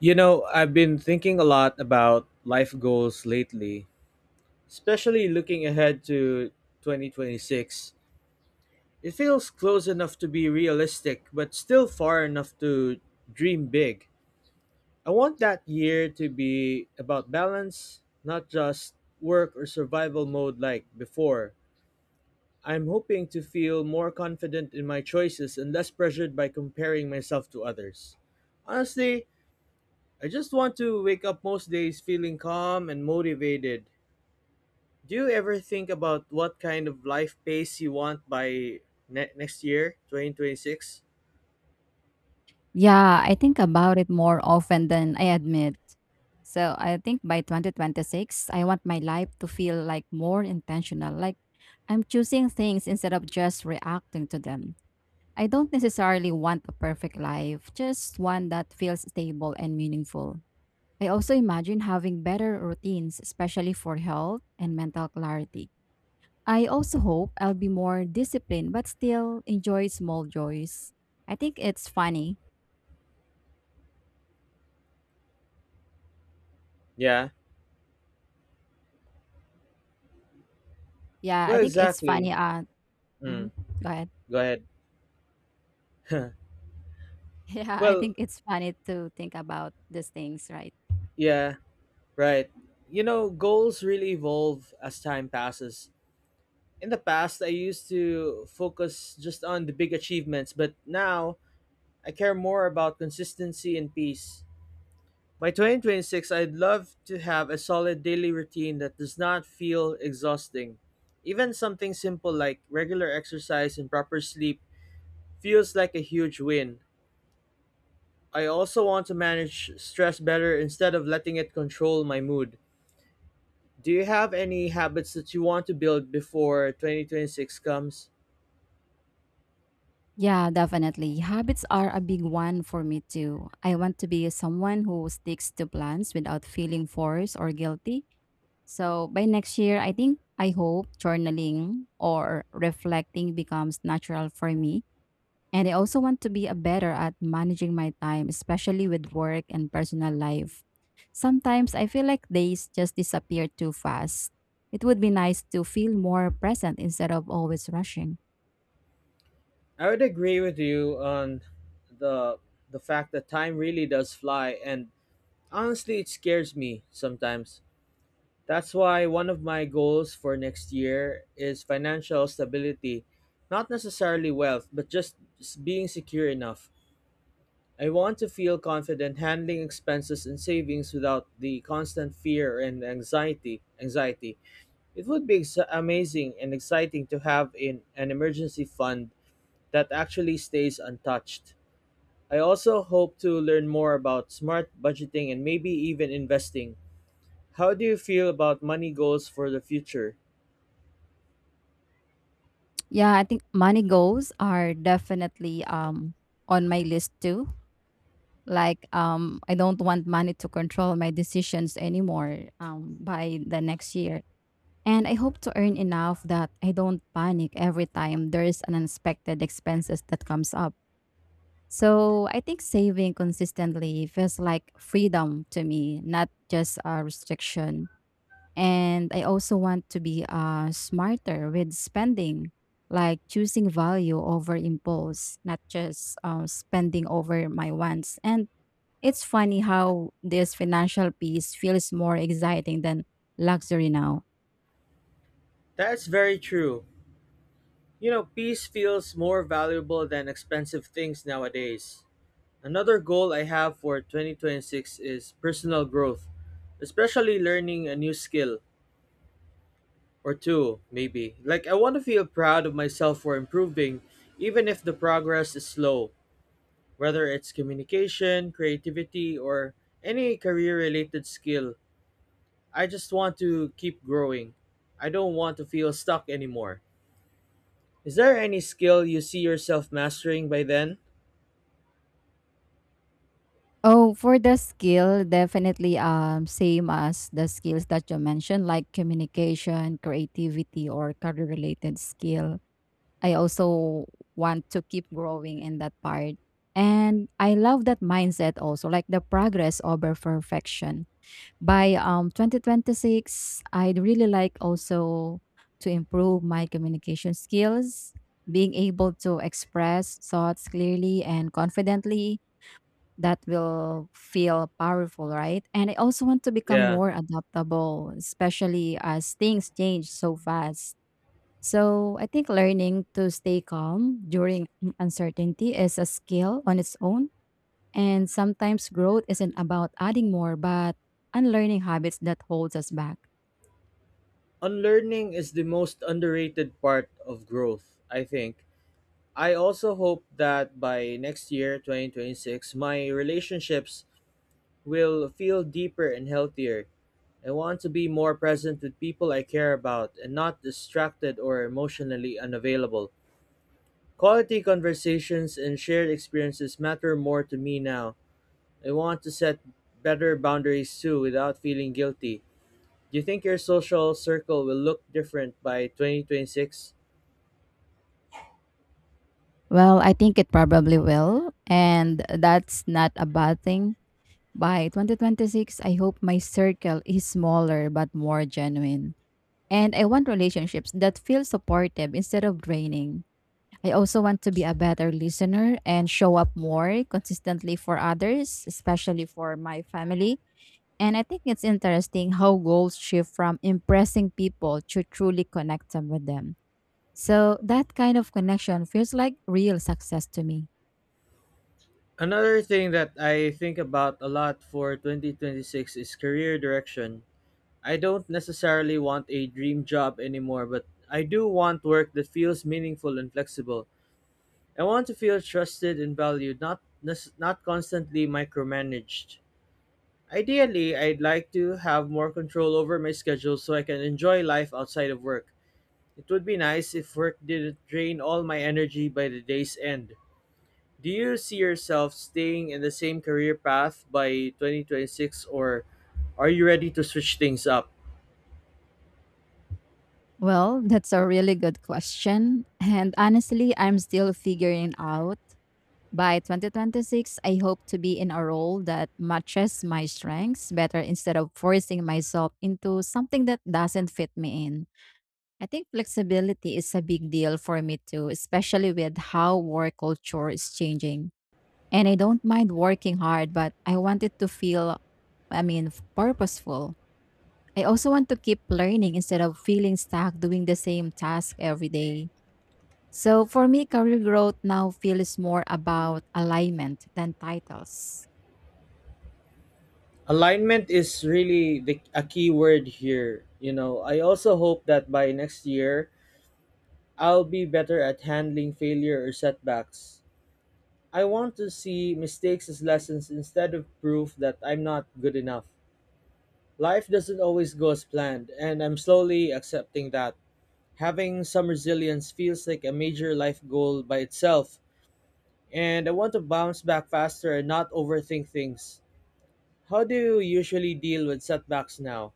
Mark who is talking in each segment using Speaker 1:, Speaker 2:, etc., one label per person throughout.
Speaker 1: You know, I've been thinking a lot about life goals lately, especially looking ahead to 2026. It feels close enough to be realistic, but still far enough to dream big. I want that year to be about balance, not just work or survival mode like before. I'm hoping to feel more confident in my choices and less pressured by comparing myself to others. Honestly, I just want to wake up most days feeling calm and motivated. Do you ever think about what kind of life pace you want by next year, 2026?
Speaker 2: Yeah, I think about it more often than I admit. So I think by 2026, I want my life to feel like more intentional. Like I'm choosing things instead of just reacting to them. I don't necessarily want a perfect life, just one that feels stable and meaningful. I also imagine having better routines, especially for health and mental clarity. I also hope I'll be more disciplined, but still enjoy small joys. I think it's funny.
Speaker 1: Yeah.
Speaker 2: Yeah, I
Speaker 1: Well,
Speaker 2: think it's
Speaker 1: exactly.
Speaker 2: funny, mhm,
Speaker 1: Mm,
Speaker 2: go ahead.
Speaker 1: go ahead.
Speaker 2: Yeah, I
Speaker 1: Well,
Speaker 2: think it's funny to think about these things, right?
Speaker 1: yeah, right. You know, goals really evolve as time passes. In the past, I used to focus just on the big achievements, but now I care more about consistency and peace. By 2026, I'd love to have a solid daily routine that does not feel exhausting. Even something simple like regular exercise and proper sleep feels like a huge win. I also want to manage stress better instead of letting it control my mood. Do you have any habits that you want to build before 2026 comes?
Speaker 2: Yeah, definitely. Habits are a big one for me too. I want to be someone who sticks to plans without feeling forced or guilty. So by next year, I hope journaling or reflecting becomes natural for me. And I also want to be a better at managing my time, especially with work and personal life. Sometimes I feel like days just disappear too fast. It would be nice to feel more present instead of always rushing.
Speaker 1: I would agree with you on the the fact that time really does fly, and honestly it scares me sometimes. That's why one of my goals for next year is financial stability. Not necessarily wealth, but just being secure enough. I want to feel confident handling expenses and savings without the constant fear and anxiety. Anxiety. It would be amazing and exciting to have in an emergency fund that actually stays untouched. I also hope to learn more about smart budgeting and maybe even investing. How do you feel about money goals for the future?
Speaker 2: Yeah, I think money goals are definitely on my list too. Like I don't want money to control my decisions anymore by the next year. And I hope to earn enough that I don't panic every time there's an unexpected expenses that comes up. So I think saving consistently feels like freedom to me, not just a restriction. And I also want to be smarter with spending, like choosing value over impulse, not just spending over my wants. And it's funny how this financial piece feels more exciting than luxury now.
Speaker 1: That's very true. You know, peace feels more valuable than expensive things nowadays. Another goal I have for 2026 is personal growth, especially learning a new skill or two, maybe. Like, I want to feel proud of myself for improving, even if the progress is slow, whether it's communication, creativity, or any career related skill. I just want to keep growing. I don't want to feel stuck anymore. Is there any skill you see yourself mastering by then?
Speaker 2: Oh, for the skill, definitely same as the skills that you mentioned, like communication, creativity, or career related skill. I also want to keep growing in that part. And I love that mindset also, like the progress over perfection. By 2026, I'd really like also to improve my communication skills, being able to express thoughts clearly and confidently that will feel powerful, right? And I also want to become
Speaker 1: Yeah.
Speaker 2: more adaptable, especially as things change so fast. So I think learning to stay calm during uncertainty is a skill on its own. And sometimes growth isn't about adding more, but unlearning habits that holds us back.
Speaker 1: Unlearning is the most underrated part of growth, I think. I also hope that by next year, 2026, my relationships will feel deeper and healthier. I want to be more present with people I care about and not distracted or emotionally unavailable. Quality conversations and shared experiences matter more to me now. I want to set better boundaries too without feeling guilty. Do you think your social circle will look different by 2026?
Speaker 2: Well, I think it probably will, and that's not a bad thing. By 2026, I hope my circle is smaller but more genuine. And I want relationships that feel supportive instead of draining. I also want to be a better listener and show up more consistently for others, especially for my family. And I think it's interesting how goals shift from impressing people to truly connect them with them. So that kind of connection feels like real success to me.
Speaker 1: Another thing that I think about a lot for 2026 is career direction. I don't necessarily want a dream job anymore, but I do want work that feels meaningful and flexible. I want to feel trusted and valued, not constantly micromanaged. Ideally, I'd like to have more control over my schedule so I can enjoy life outside of work. It would be nice if work didn't drain all my energy by the day's end. Do you see yourself staying in the same career path by 2026, or are you ready to switch things up?
Speaker 2: Well, that's a really good question. And honestly, I'm still figuring out. By 2026, I hope to be in a role that matches my strengths better instead of forcing myself into something that doesn't fit me in. I think flexibility is a big deal for me too, especially with how work culture is changing. And I don't mind working hard, but I want it to feel, I mean, purposeful. I also want to keep learning instead of feeling stuck doing the same task every day. So for me, career growth now feels more about alignment than titles.
Speaker 1: Alignment is really a key word here. You know, I also hope that by next year, I'll be better at handling failure or setbacks. I want to see mistakes as lessons instead of proof that I'm not good enough. Life doesn't always go as planned, and I'm slowly accepting that. Having some resilience feels like a major life goal by itself, and I want to bounce back faster and not overthink things. How do you usually deal with setbacks now?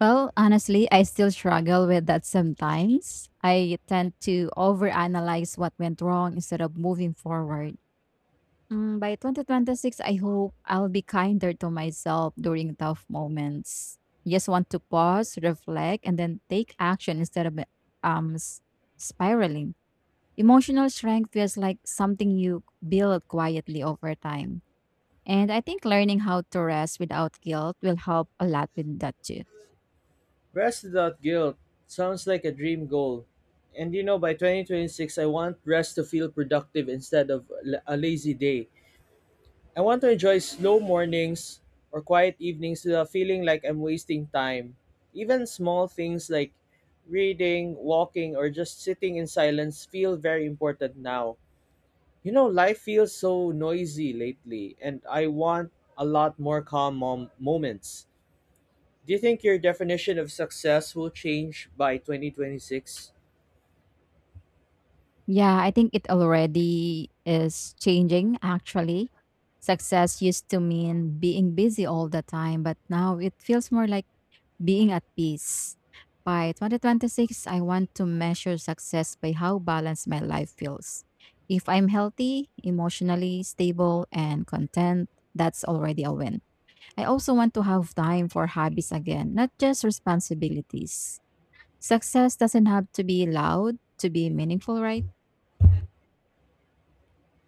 Speaker 2: Well, honestly, I still struggle with that sometimes. I tend to overanalyze what went wrong instead of moving forward. By 2026, I hope I'll be kinder to myself during tough moments. Just want to pause, reflect, and then take action instead of um, s- spiraling. Emotional strength feels like something you build quietly over time. And I think learning how to rest without guilt will help a lot with that too.
Speaker 1: Rest without guilt sounds like a dream goal. And you know, by 2026, I want rest to feel productive instead of a lazy day. I want to enjoy slow mornings or quiet evenings without feeling like I'm wasting time. Even small things like reading, walking, or just sitting in silence feel very important now. You know, life feels so noisy lately, and I want a lot more calm moments. Do you think your definition of success will change by 2026?
Speaker 2: Yeah, I think it already is changing actually. Success used to mean being busy all the time, but now it feels more like being at peace. By 2026, I want to measure success by how balanced my life feels. If I'm healthy, emotionally stable, and content, that's already a win. I also want to have time for hobbies again, not just responsibilities. Success doesn't have to be loud to be meaningful, right?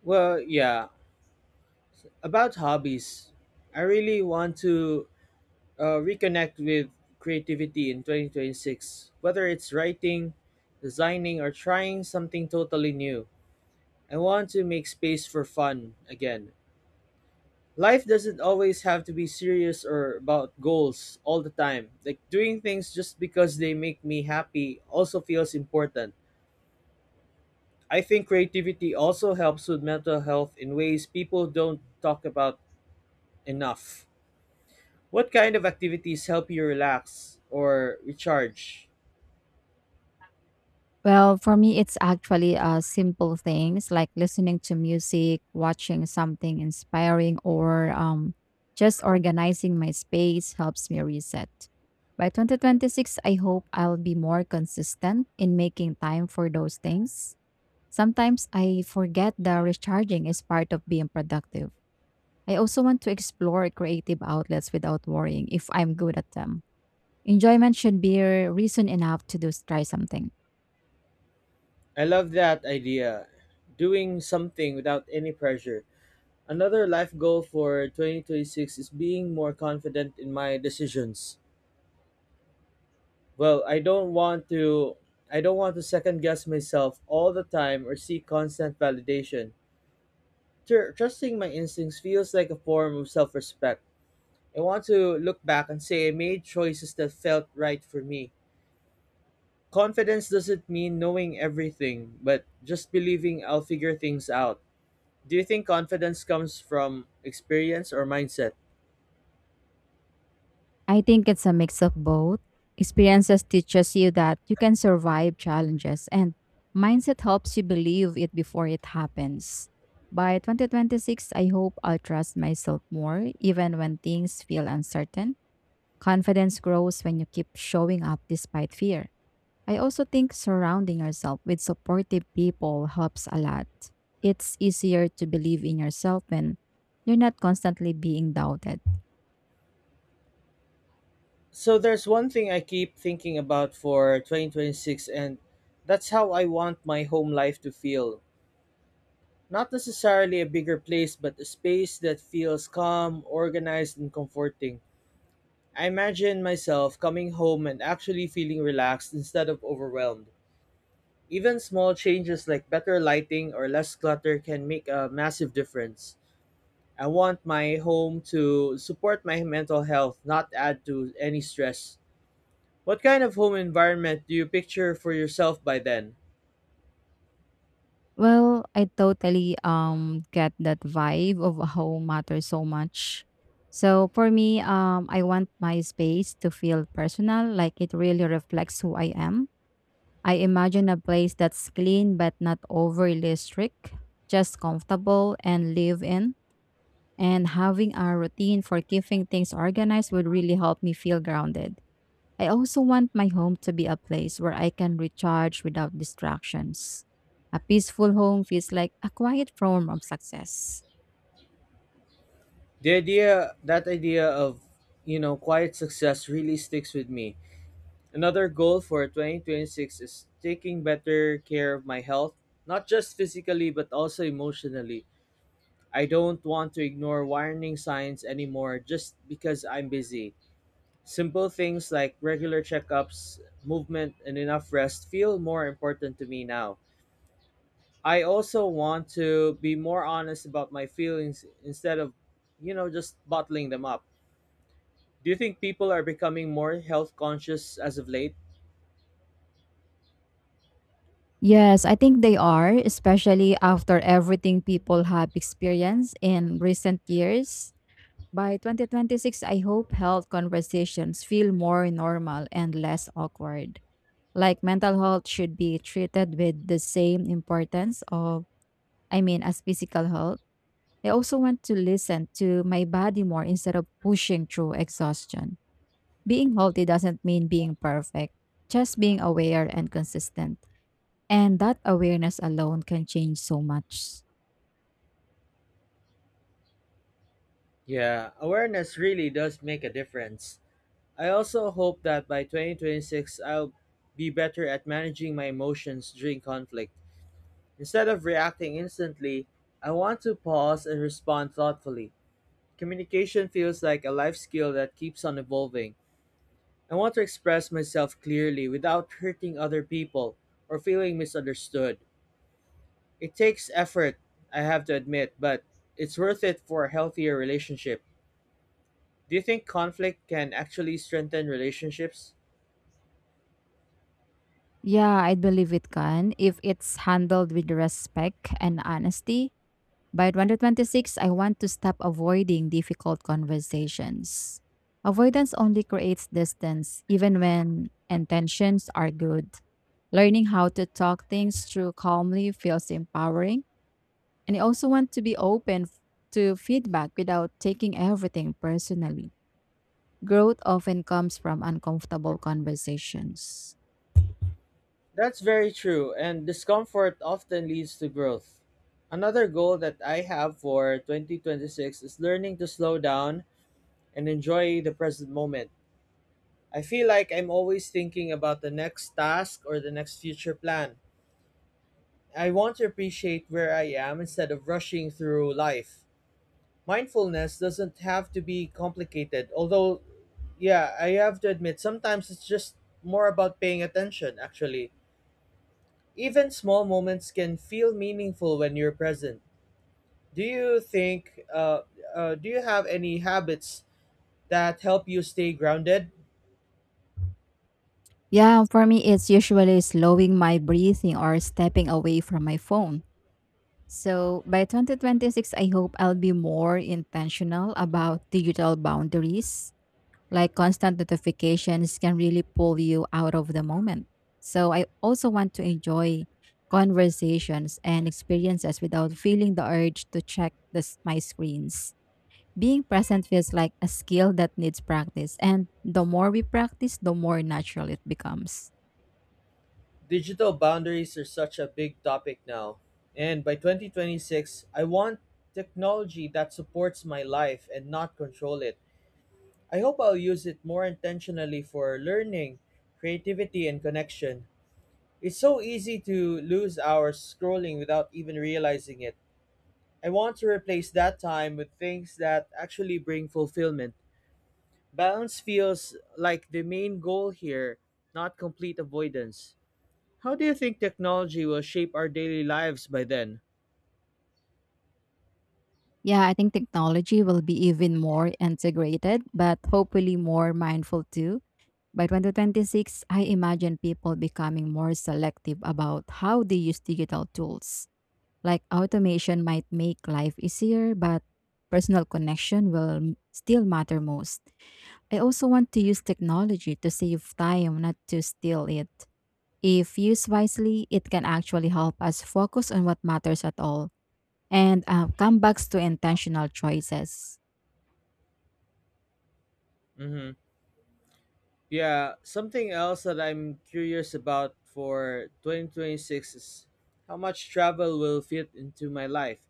Speaker 1: Well, yeah. About hobbies, I really want to reconnect with creativity in 2026, whether it's writing, designing, or trying something totally new. I want to make space for fun again. Life doesn't always have to be serious or about goals all the time. Like, doing things just because they make me happy also feels important. I think creativity also helps with mental health in ways people don't talk about enough. What kind of activities help you relax or recharge?
Speaker 2: Well, for me, it's actually simple things like listening to music, watching something inspiring, or just organizing my space helps me reset. By 2026, I hope I'll be more consistent in making time for those things. Sometimes I forget that recharging is part of being productive. I also want to explore creative outlets without worrying if I'm good at them. Enjoyment should be a reason enough to try something.
Speaker 1: I love that idea. Doing something without any pressure. Another life goal for 2026 is being more confident in my decisions. Well, I don't want to second guess myself all the time or seek constant validation. Trusting my instincts feels like a form of self-respect. I want to look back and say I made choices that felt right for me. Confidence doesn't mean knowing everything, but just believing I'll figure things out. Do you think confidence comes from experience or mindset?
Speaker 2: I think it's a mix of both. Experiences teaches you that you can survive challenges and mindset helps you believe it before it happens. By 2026, I hope I'll trust myself more even when things feel uncertain. Confidence grows when you keep showing up despite fear. I also think surrounding yourself with supportive people helps a lot. It's easier to believe in yourself when you're not constantly being doubted.
Speaker 1: So there's one thing I keep thinking about for 2026, and that's how I want my home life to feel. Not necessarily a bigger place, but a space that feels calm, organized and comforting. I imagine myself coming home and actually feeling relaxed instead of overwhelmed. Even small changes like better lighting or less clutter can make a massive difference. I want my home to support my mental health, not add to any stress. What kind of home environment do you picture for yourself by then?
Speaker 2: Well, I totally get that vibe of how matters so much. So for me, I want my space to feel personal, like it really reflects who I am. I imagine a place that's clean but not overly strict, just comfortable and live in. And having a routine for keeping things organized would really help me feel grounded. I also want my home to be a place where I can recharge without distractions. A peaceful home feels like a quiet form of success.
Speaker 1: That idea of, you know, quiet success really sticks with me. Another goal for 2026 is taking better care of my health, not just physically but also emotionally. I don't want to ignore warning signs anymore just because I'm busy. Simple things like regular checkups, movement, and enough rest feel more important to me now. I also want to be more honest about my feelings instead of, you know, just bottling them up. Do you think people are becoming more health conscious as of late?
Speaker 2: Yes, I think they are, especially after everything people have experienced in recent years. By 2026, I hope health conversations feel more normal and less awkward. Like mental health should be treated with the same importance of, I mean, as physical health. I also want to listen to my body more instead of pushing through exhaustion. Being healthy doesn't mean being perfect, just being aware and consistent. And that awareness alone can change so much.
Speaker 1: Yeah, awareness really does make a difference. I also hope that by 2026, I'll be better at managing my emotions during conflict. Instead of reacting instantly, I want to pause and respond thoughtfully. Communication feels like a life skill that keeps on evolving. I want to express myself clearly without hurting other people or feeling misunderstood. It takes effort, I have to admit, but it's worth it for a healthier relationship. Do you think conflict can actually strengthen relationships?
Speaker 2: Yeah, I believe it can if it's handled with respect and honesty. By 126, I want to stop avoiding difficult conversations. Avoidance only creates distance, even when intentions are good. Learning how to talk things through calmly feels empowering. And I also want to be to feedback without taking everything personally. Growth often comes from uncomfortable conversations.
Speaker 1: That's very true, and discomfort often leads to growth. Another goal that I have for 2026 is learning to slow down and enjoy the present moment. I feel like I'm always thinking about the next task or the next future plan. I want to appreciate where I am instead of rushing through life. Mindfulness doesn't have to be complicated, although, yeah, I have to admit, sometimes it's just more about paying attention, actually. Even small moments can feel meaningful when you're present. Do you think, do you have any habits that help you stay grounded?
Speaker 2: Yeah, for me, it's usually slowing my breathing or stepping away from my phone. So by 2026, I hope I'll be more intentional about digital boundaries. Like constant notifications can really pull you out of the moment. So I also want to enjoy conversations and experiences without feeling the urge to my screens. Being present feels like a skill that needs practice. And the more we practice, the more natural it becomes.
Speaker 1: Digital boundaries are such a big topic now. And by 2026, I want technology that supports my life and not control it. I hope I'll use it more intentionally for learning, creativity, and connection. It's so easy to lose hours scrolling without even realizing it. I want to replace that time with things that actually bring fulfillment. Balance feels like the main goal here, not complete avoidance. How do you think technology will shape our daily lives by then?
Speaker 2: Yeah, I think technology will be even more integrated, but hopefully more mindful too. By 2026, I imagine people becoming more selective about how they use digital tools. Like automation might make life easier, but personal connection still matter most. I also want to use technology to save time, not to steal it. If used wisely, it can actually help us focus on what matters at all and come back to intentional choices.
Speaker 1: Mm-hmm. Yeah, something else that I'm curious about for 2026 is how much travel will fit into my life.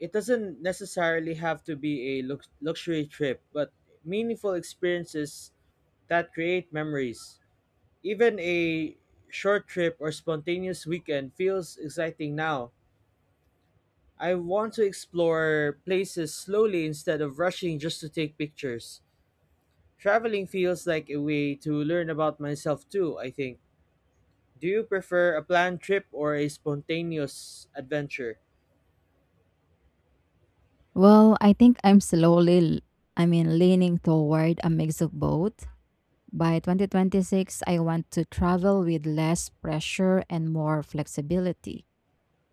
Speaker 1: It doesn't necessarily have to be a luxury trip, but meaningful experiences that create memories. Even a short trip or spontaneous weekend feels exciting now. I want to explore places slowly instead of rushing just to take pictures. Traveling feels like a way to learn about myself too, I think. Do you prefer a planned trip or a spontaneous adventure?
Speaker 2: Well, I think I'm I mean, leaning toward a mix of both. By 2026, I want to travel with less pressure and more flexibility.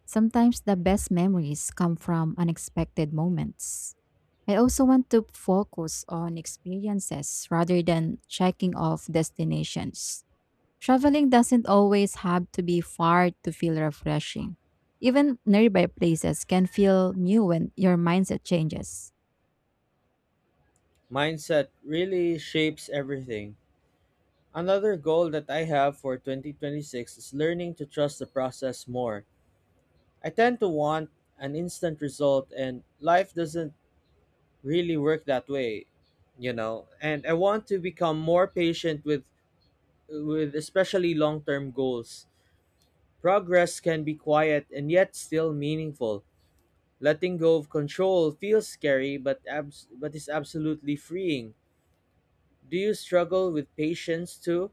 Speaker 2: Sometimes the best memories come from unexpected moments. I also want to focus on experiences rather than checking off destinations. Traveling doesn't always have to be far to feel refreshing. Even nearby places can feel new when your mindset changes.
Speaker 1: Mindset really shapes everything. Another goal that I have for 2026 is learning to trust the process more. I tend to want an instant result, and life doesn't really work that way, you know. And I want to become more patient with especially long-term goals. Progress can be quiet and yet still meaningful. Letting go of control feels scary but but is absolutely freeing. Do you struggle with patience too?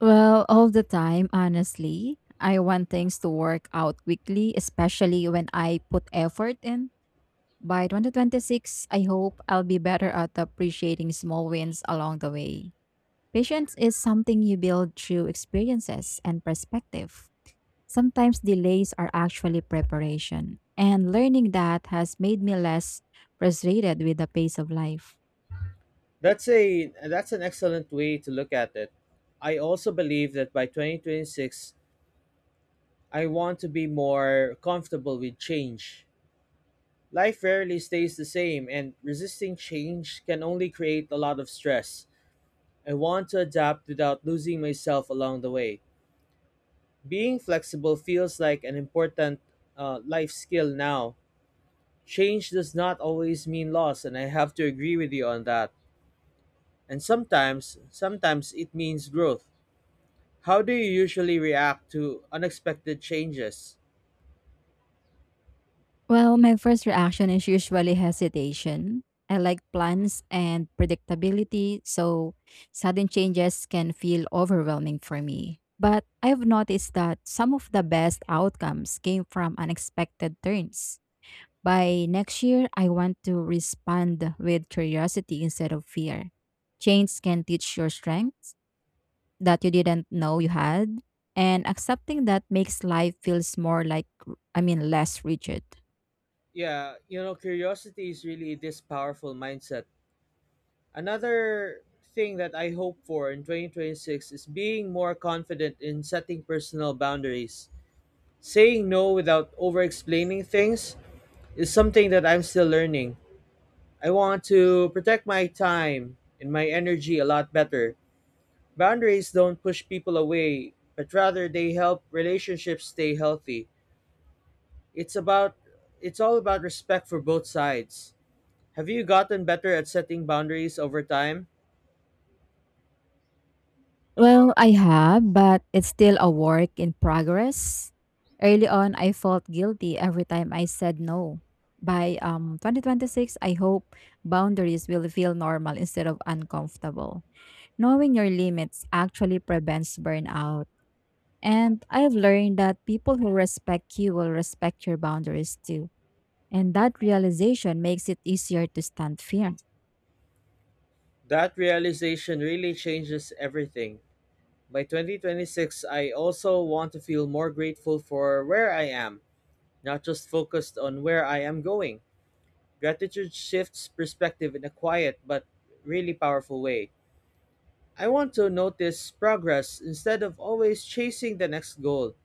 Speaker 2: Well, all the time, honestly. I want things to work out quickly, especially when I put effort in. By 2026, I hope I'll be better at appreciating small wins along the way. Patience is something you build through experiences and perspective. Sometimes delays are actually preparation, and learning that has made me less frustrated with the pace of life.
Speaker 1: That's an excellent way to look at it. I also believe that by 2026 I want to be more comfortable with change. Life rarely stays the same, and resisting change can only create a lot of stress. I want to adapt without losing myself along the way. Being flexible feels like an important life skill now. Change does not always mean loss, and I have to agree with you on that. And sometimes it means growth. How do you usually react to unexpected changes?
Speaker 2: Well, my first reaction is usually hesitation. I like plans and predictability, so sudden changes can feel overwhelming for me. But I've noticed that some of the best outcomes came from unexpected turns. By next year, I want to respond with curiosity instead of fear. Change can teach your strengths that you didn't know you had, and accepting that makes life feels more like, I mean, less rigid.
Speaker 1: Yeah, you know, curiosity is really this powerful mindset. Another thing that I hope for in 2026 is being more confident in setting personal boundaries, saying no without over explaining things, is something that I'm still learning. I want to protect my time and my energy a lot better. Boundaries don't push people away, but rather they help relationships stay healthy. It's about it's all about respect for both sides. Have you gotten better at setting boundaries over time?
Speaker 2: Well, I have, but it's still a work in progress. Early on, I felt guilty every time I said no. By 2026, I hope boundaries will feel normal instead of uncomfortable. Knowing your limits actually prevents burnout. And I've learned that people who respect you will respect your boundaries too. And that realization makes it easier to stand firm.
Speaker 1: That realization really changes everything. By 2026, I also want to feel more grateful for where I am, not just focused on where I am going. Gratitude shifts perspective in a quiet but really powerful way. I want to notice progress instead of always chasing the next goal.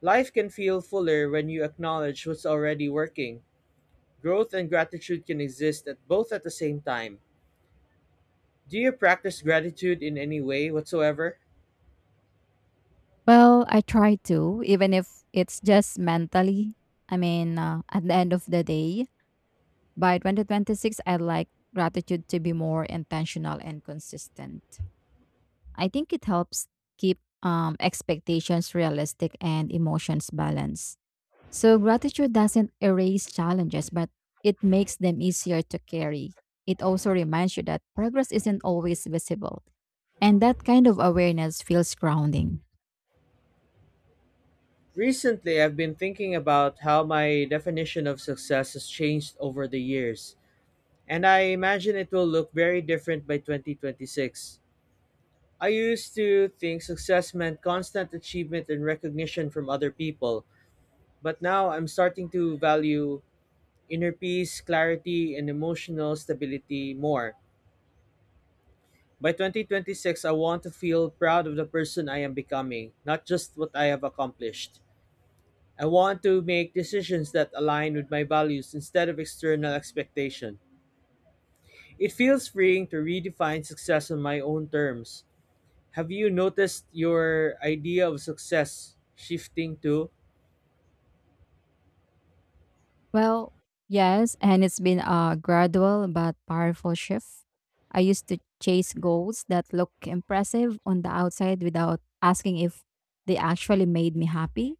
Speaker 1: Life can feel fuller when you acknowledge what's already working. Growth and gratitude can exist at both at the same time. Do you practice gratitude in any way whatsoever?
Speaker 2: Well, I try to, even if it's just mentally. I mean, at the end of the day, by 2026, I'd like gratitude to be more intentional and consistent. I think it helps keep expectations realistic and emotions balanced. So, gratitude doesn't erase challenges, but it makes them easier to carry. It also reminds you that progress isn't always visible, and that kind of awareness feels grounding.
Speaker 1: Recently, I've been thinking about how my definition of success has changed over the years, and I imagine it will look very different by 2026. I used to think success meant constant achievement and recognition from other people, but now I'm starting to value inner peace, clarity, and emotional stability more. By 2026, I want to feel proud of the person I am becoming, not just what I have accomplished. I want to make decisions that align with my values instead of external expectation. It feels freeing to redefine success on my own terms. Have you noticed your idea of success shifting to?
Speaker 2: Well, yes, and it's been a gradual but powerful shift. I used to chase goals that look impressive on the outside without asking if they actually made me happy.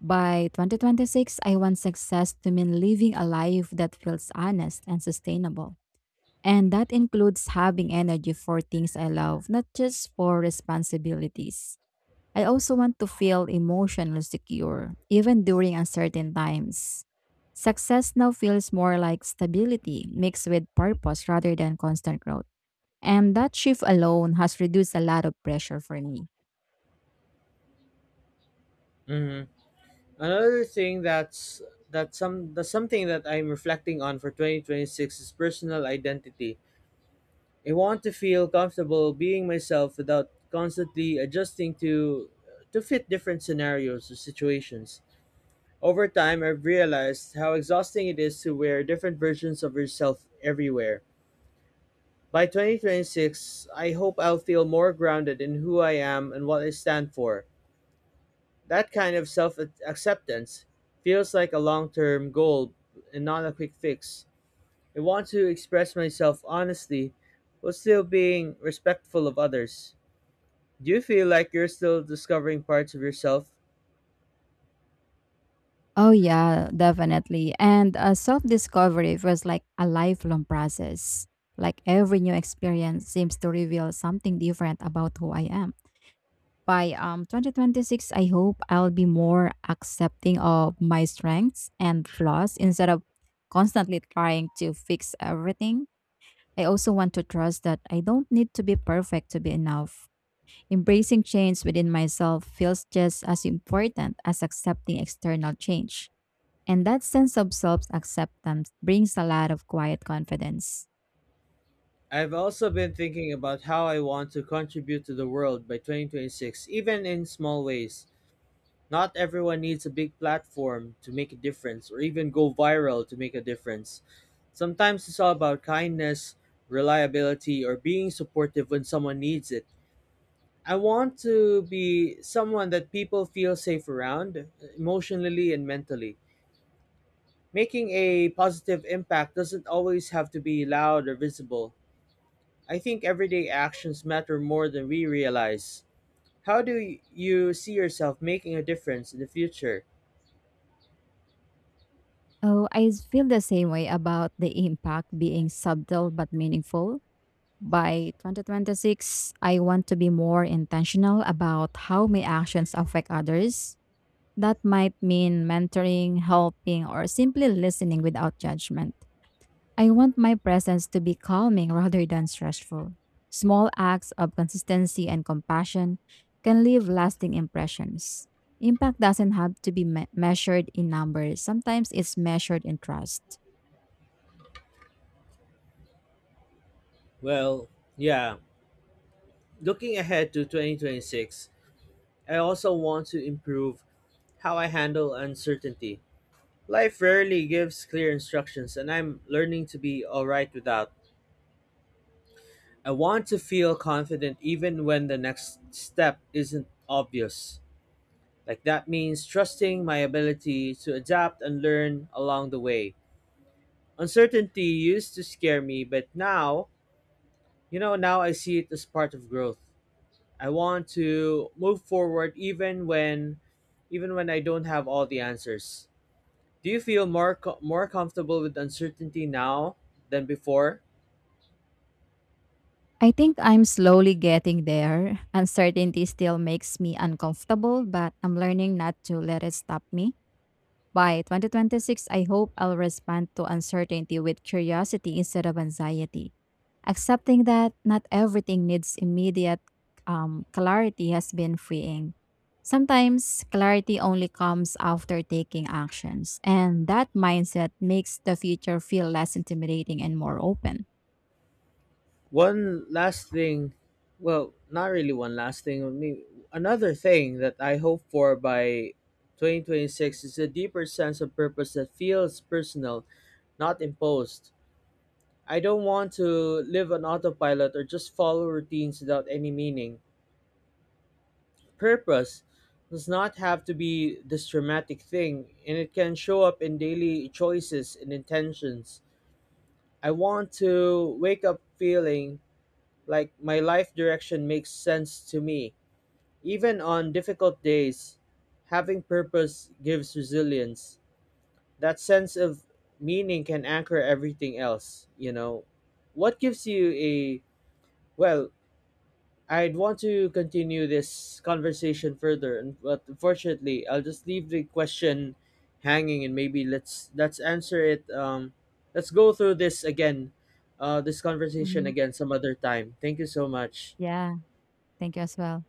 Speaker 2: By 2026, I want success to mean living a life that feels honest and sustainable. And that includes having energy for things I love, not just for responsibilities. I also want to feel emotionally secure, even during uncertain times. Success now feels more like stability mixed with purpose rather than constant growth. And that shift alone has reduced a lot of pressure for me.
Speaker 1: Mhm. Another thing that's that some that's something that I'm reflecting on for 2026 is personal identity. I want to feel comfortable being myself without constantly adjusting to fit different scenarios or situations. Over time, I've realized how exhausting it is to wear different versions of yourself everywhere. By 2026, I hope I'll feel more grounded in who I am and what I stand for. That kind of self acceptance feels like a long term goal and not a quick fix. I want to express myself honestly while still being respectful of others. Do you feel like you're still discovering parts of yourself?
Speaker 2: Oh, yeah, definitely. And self discovery was like a lifelong process. Like every new experience seems to reveal something different about who I am. By 2026, I hope I'll be more accepting of my strengths and flaws instead of constantly trying to fix everything. I also want to trust that I don't need to be perfect to be enough. Embracing change within myself feels just as important as accepting external change. And that sense of self-acceptance brings a lot of quiet confidence.
Speaker 1: I've also been thinking about how I want to contribute to the world by 2026, even in small ways. Not everyone needs a big platform to make a difference or even go viral to make a difference. Sometimes it's all about kindness, reliability, or being supportive when someone needs it. I want to be someone that people feel safe around, emotionally and mentally. Making a positive impact doesn't always have to be loud or visible. I think everyday actions matter more than we realize. How do you see yourself making a difference in the future?
Speaker 2: Oh, I feel the same way about the impact being subtle but meaningful. By 2026, I want to be more intentional about how my actions affect others. That might mean mentoring, helping, or simply listening without judgment. I want my presence to be calming rather than stressful. Small acts of consistency and compassion can leave lasting impressions. Impact doesn't have to be measured in numbers, sometimes it's measured in trust.
Speaker 1: Well, yeah, looking ahead to 2026, I also want to improve how I handle uncertainty. Life rarely gives clear instructions, and I'm learning to be alright without. I want to feel confident even when the next step isn't obvious. Like that means trusting my ability to adapt and learn along the way. Uncertainty used to scare me, but now, you know, now I see it as part of growth. I want to move forward even when I don't have all the answers. Do you feel more more comfortable with uncertainty now than before?
Speaker 2: I think I'm slowly getting there. Uncertainty still makes me uncomfortable, but I'm learning not to let it stop me. By 2026, I hope I'll respond to uncertainty with curiosity instead of anxiety. Accepting that not everything needs immediate clarity has been freeing. Sometimes clarity only comes after taking actions, and that mindset makes the future feel less intimidating and more open.
Speaker 1: One last thing, well, not really one last thing. I mean, another thing that I hope for by 2026 is a deeper sense of purpose that feels personal, not imposed. I don't want to live on autopilot or just follow routines without any meaning. Purpose does not have to be this dramatic thing, and it can show up in daily choices and intentions. I want to wake up feeling like my life direction makes sense to me. Even on difficult days, having purpose gives resilience. That sense of meaning can anchor everything else, you know. What gives you a, well, I'd want to continue this conversation further, and but unfortunately, I'll just leave the question hanging, and maybe let's answer it. Let's go through this again, this conversation
Speaker 2: Mhm.
Speaker 1: again some other time. Thank you so much.
Speaker 2: Yeah, thank you as well.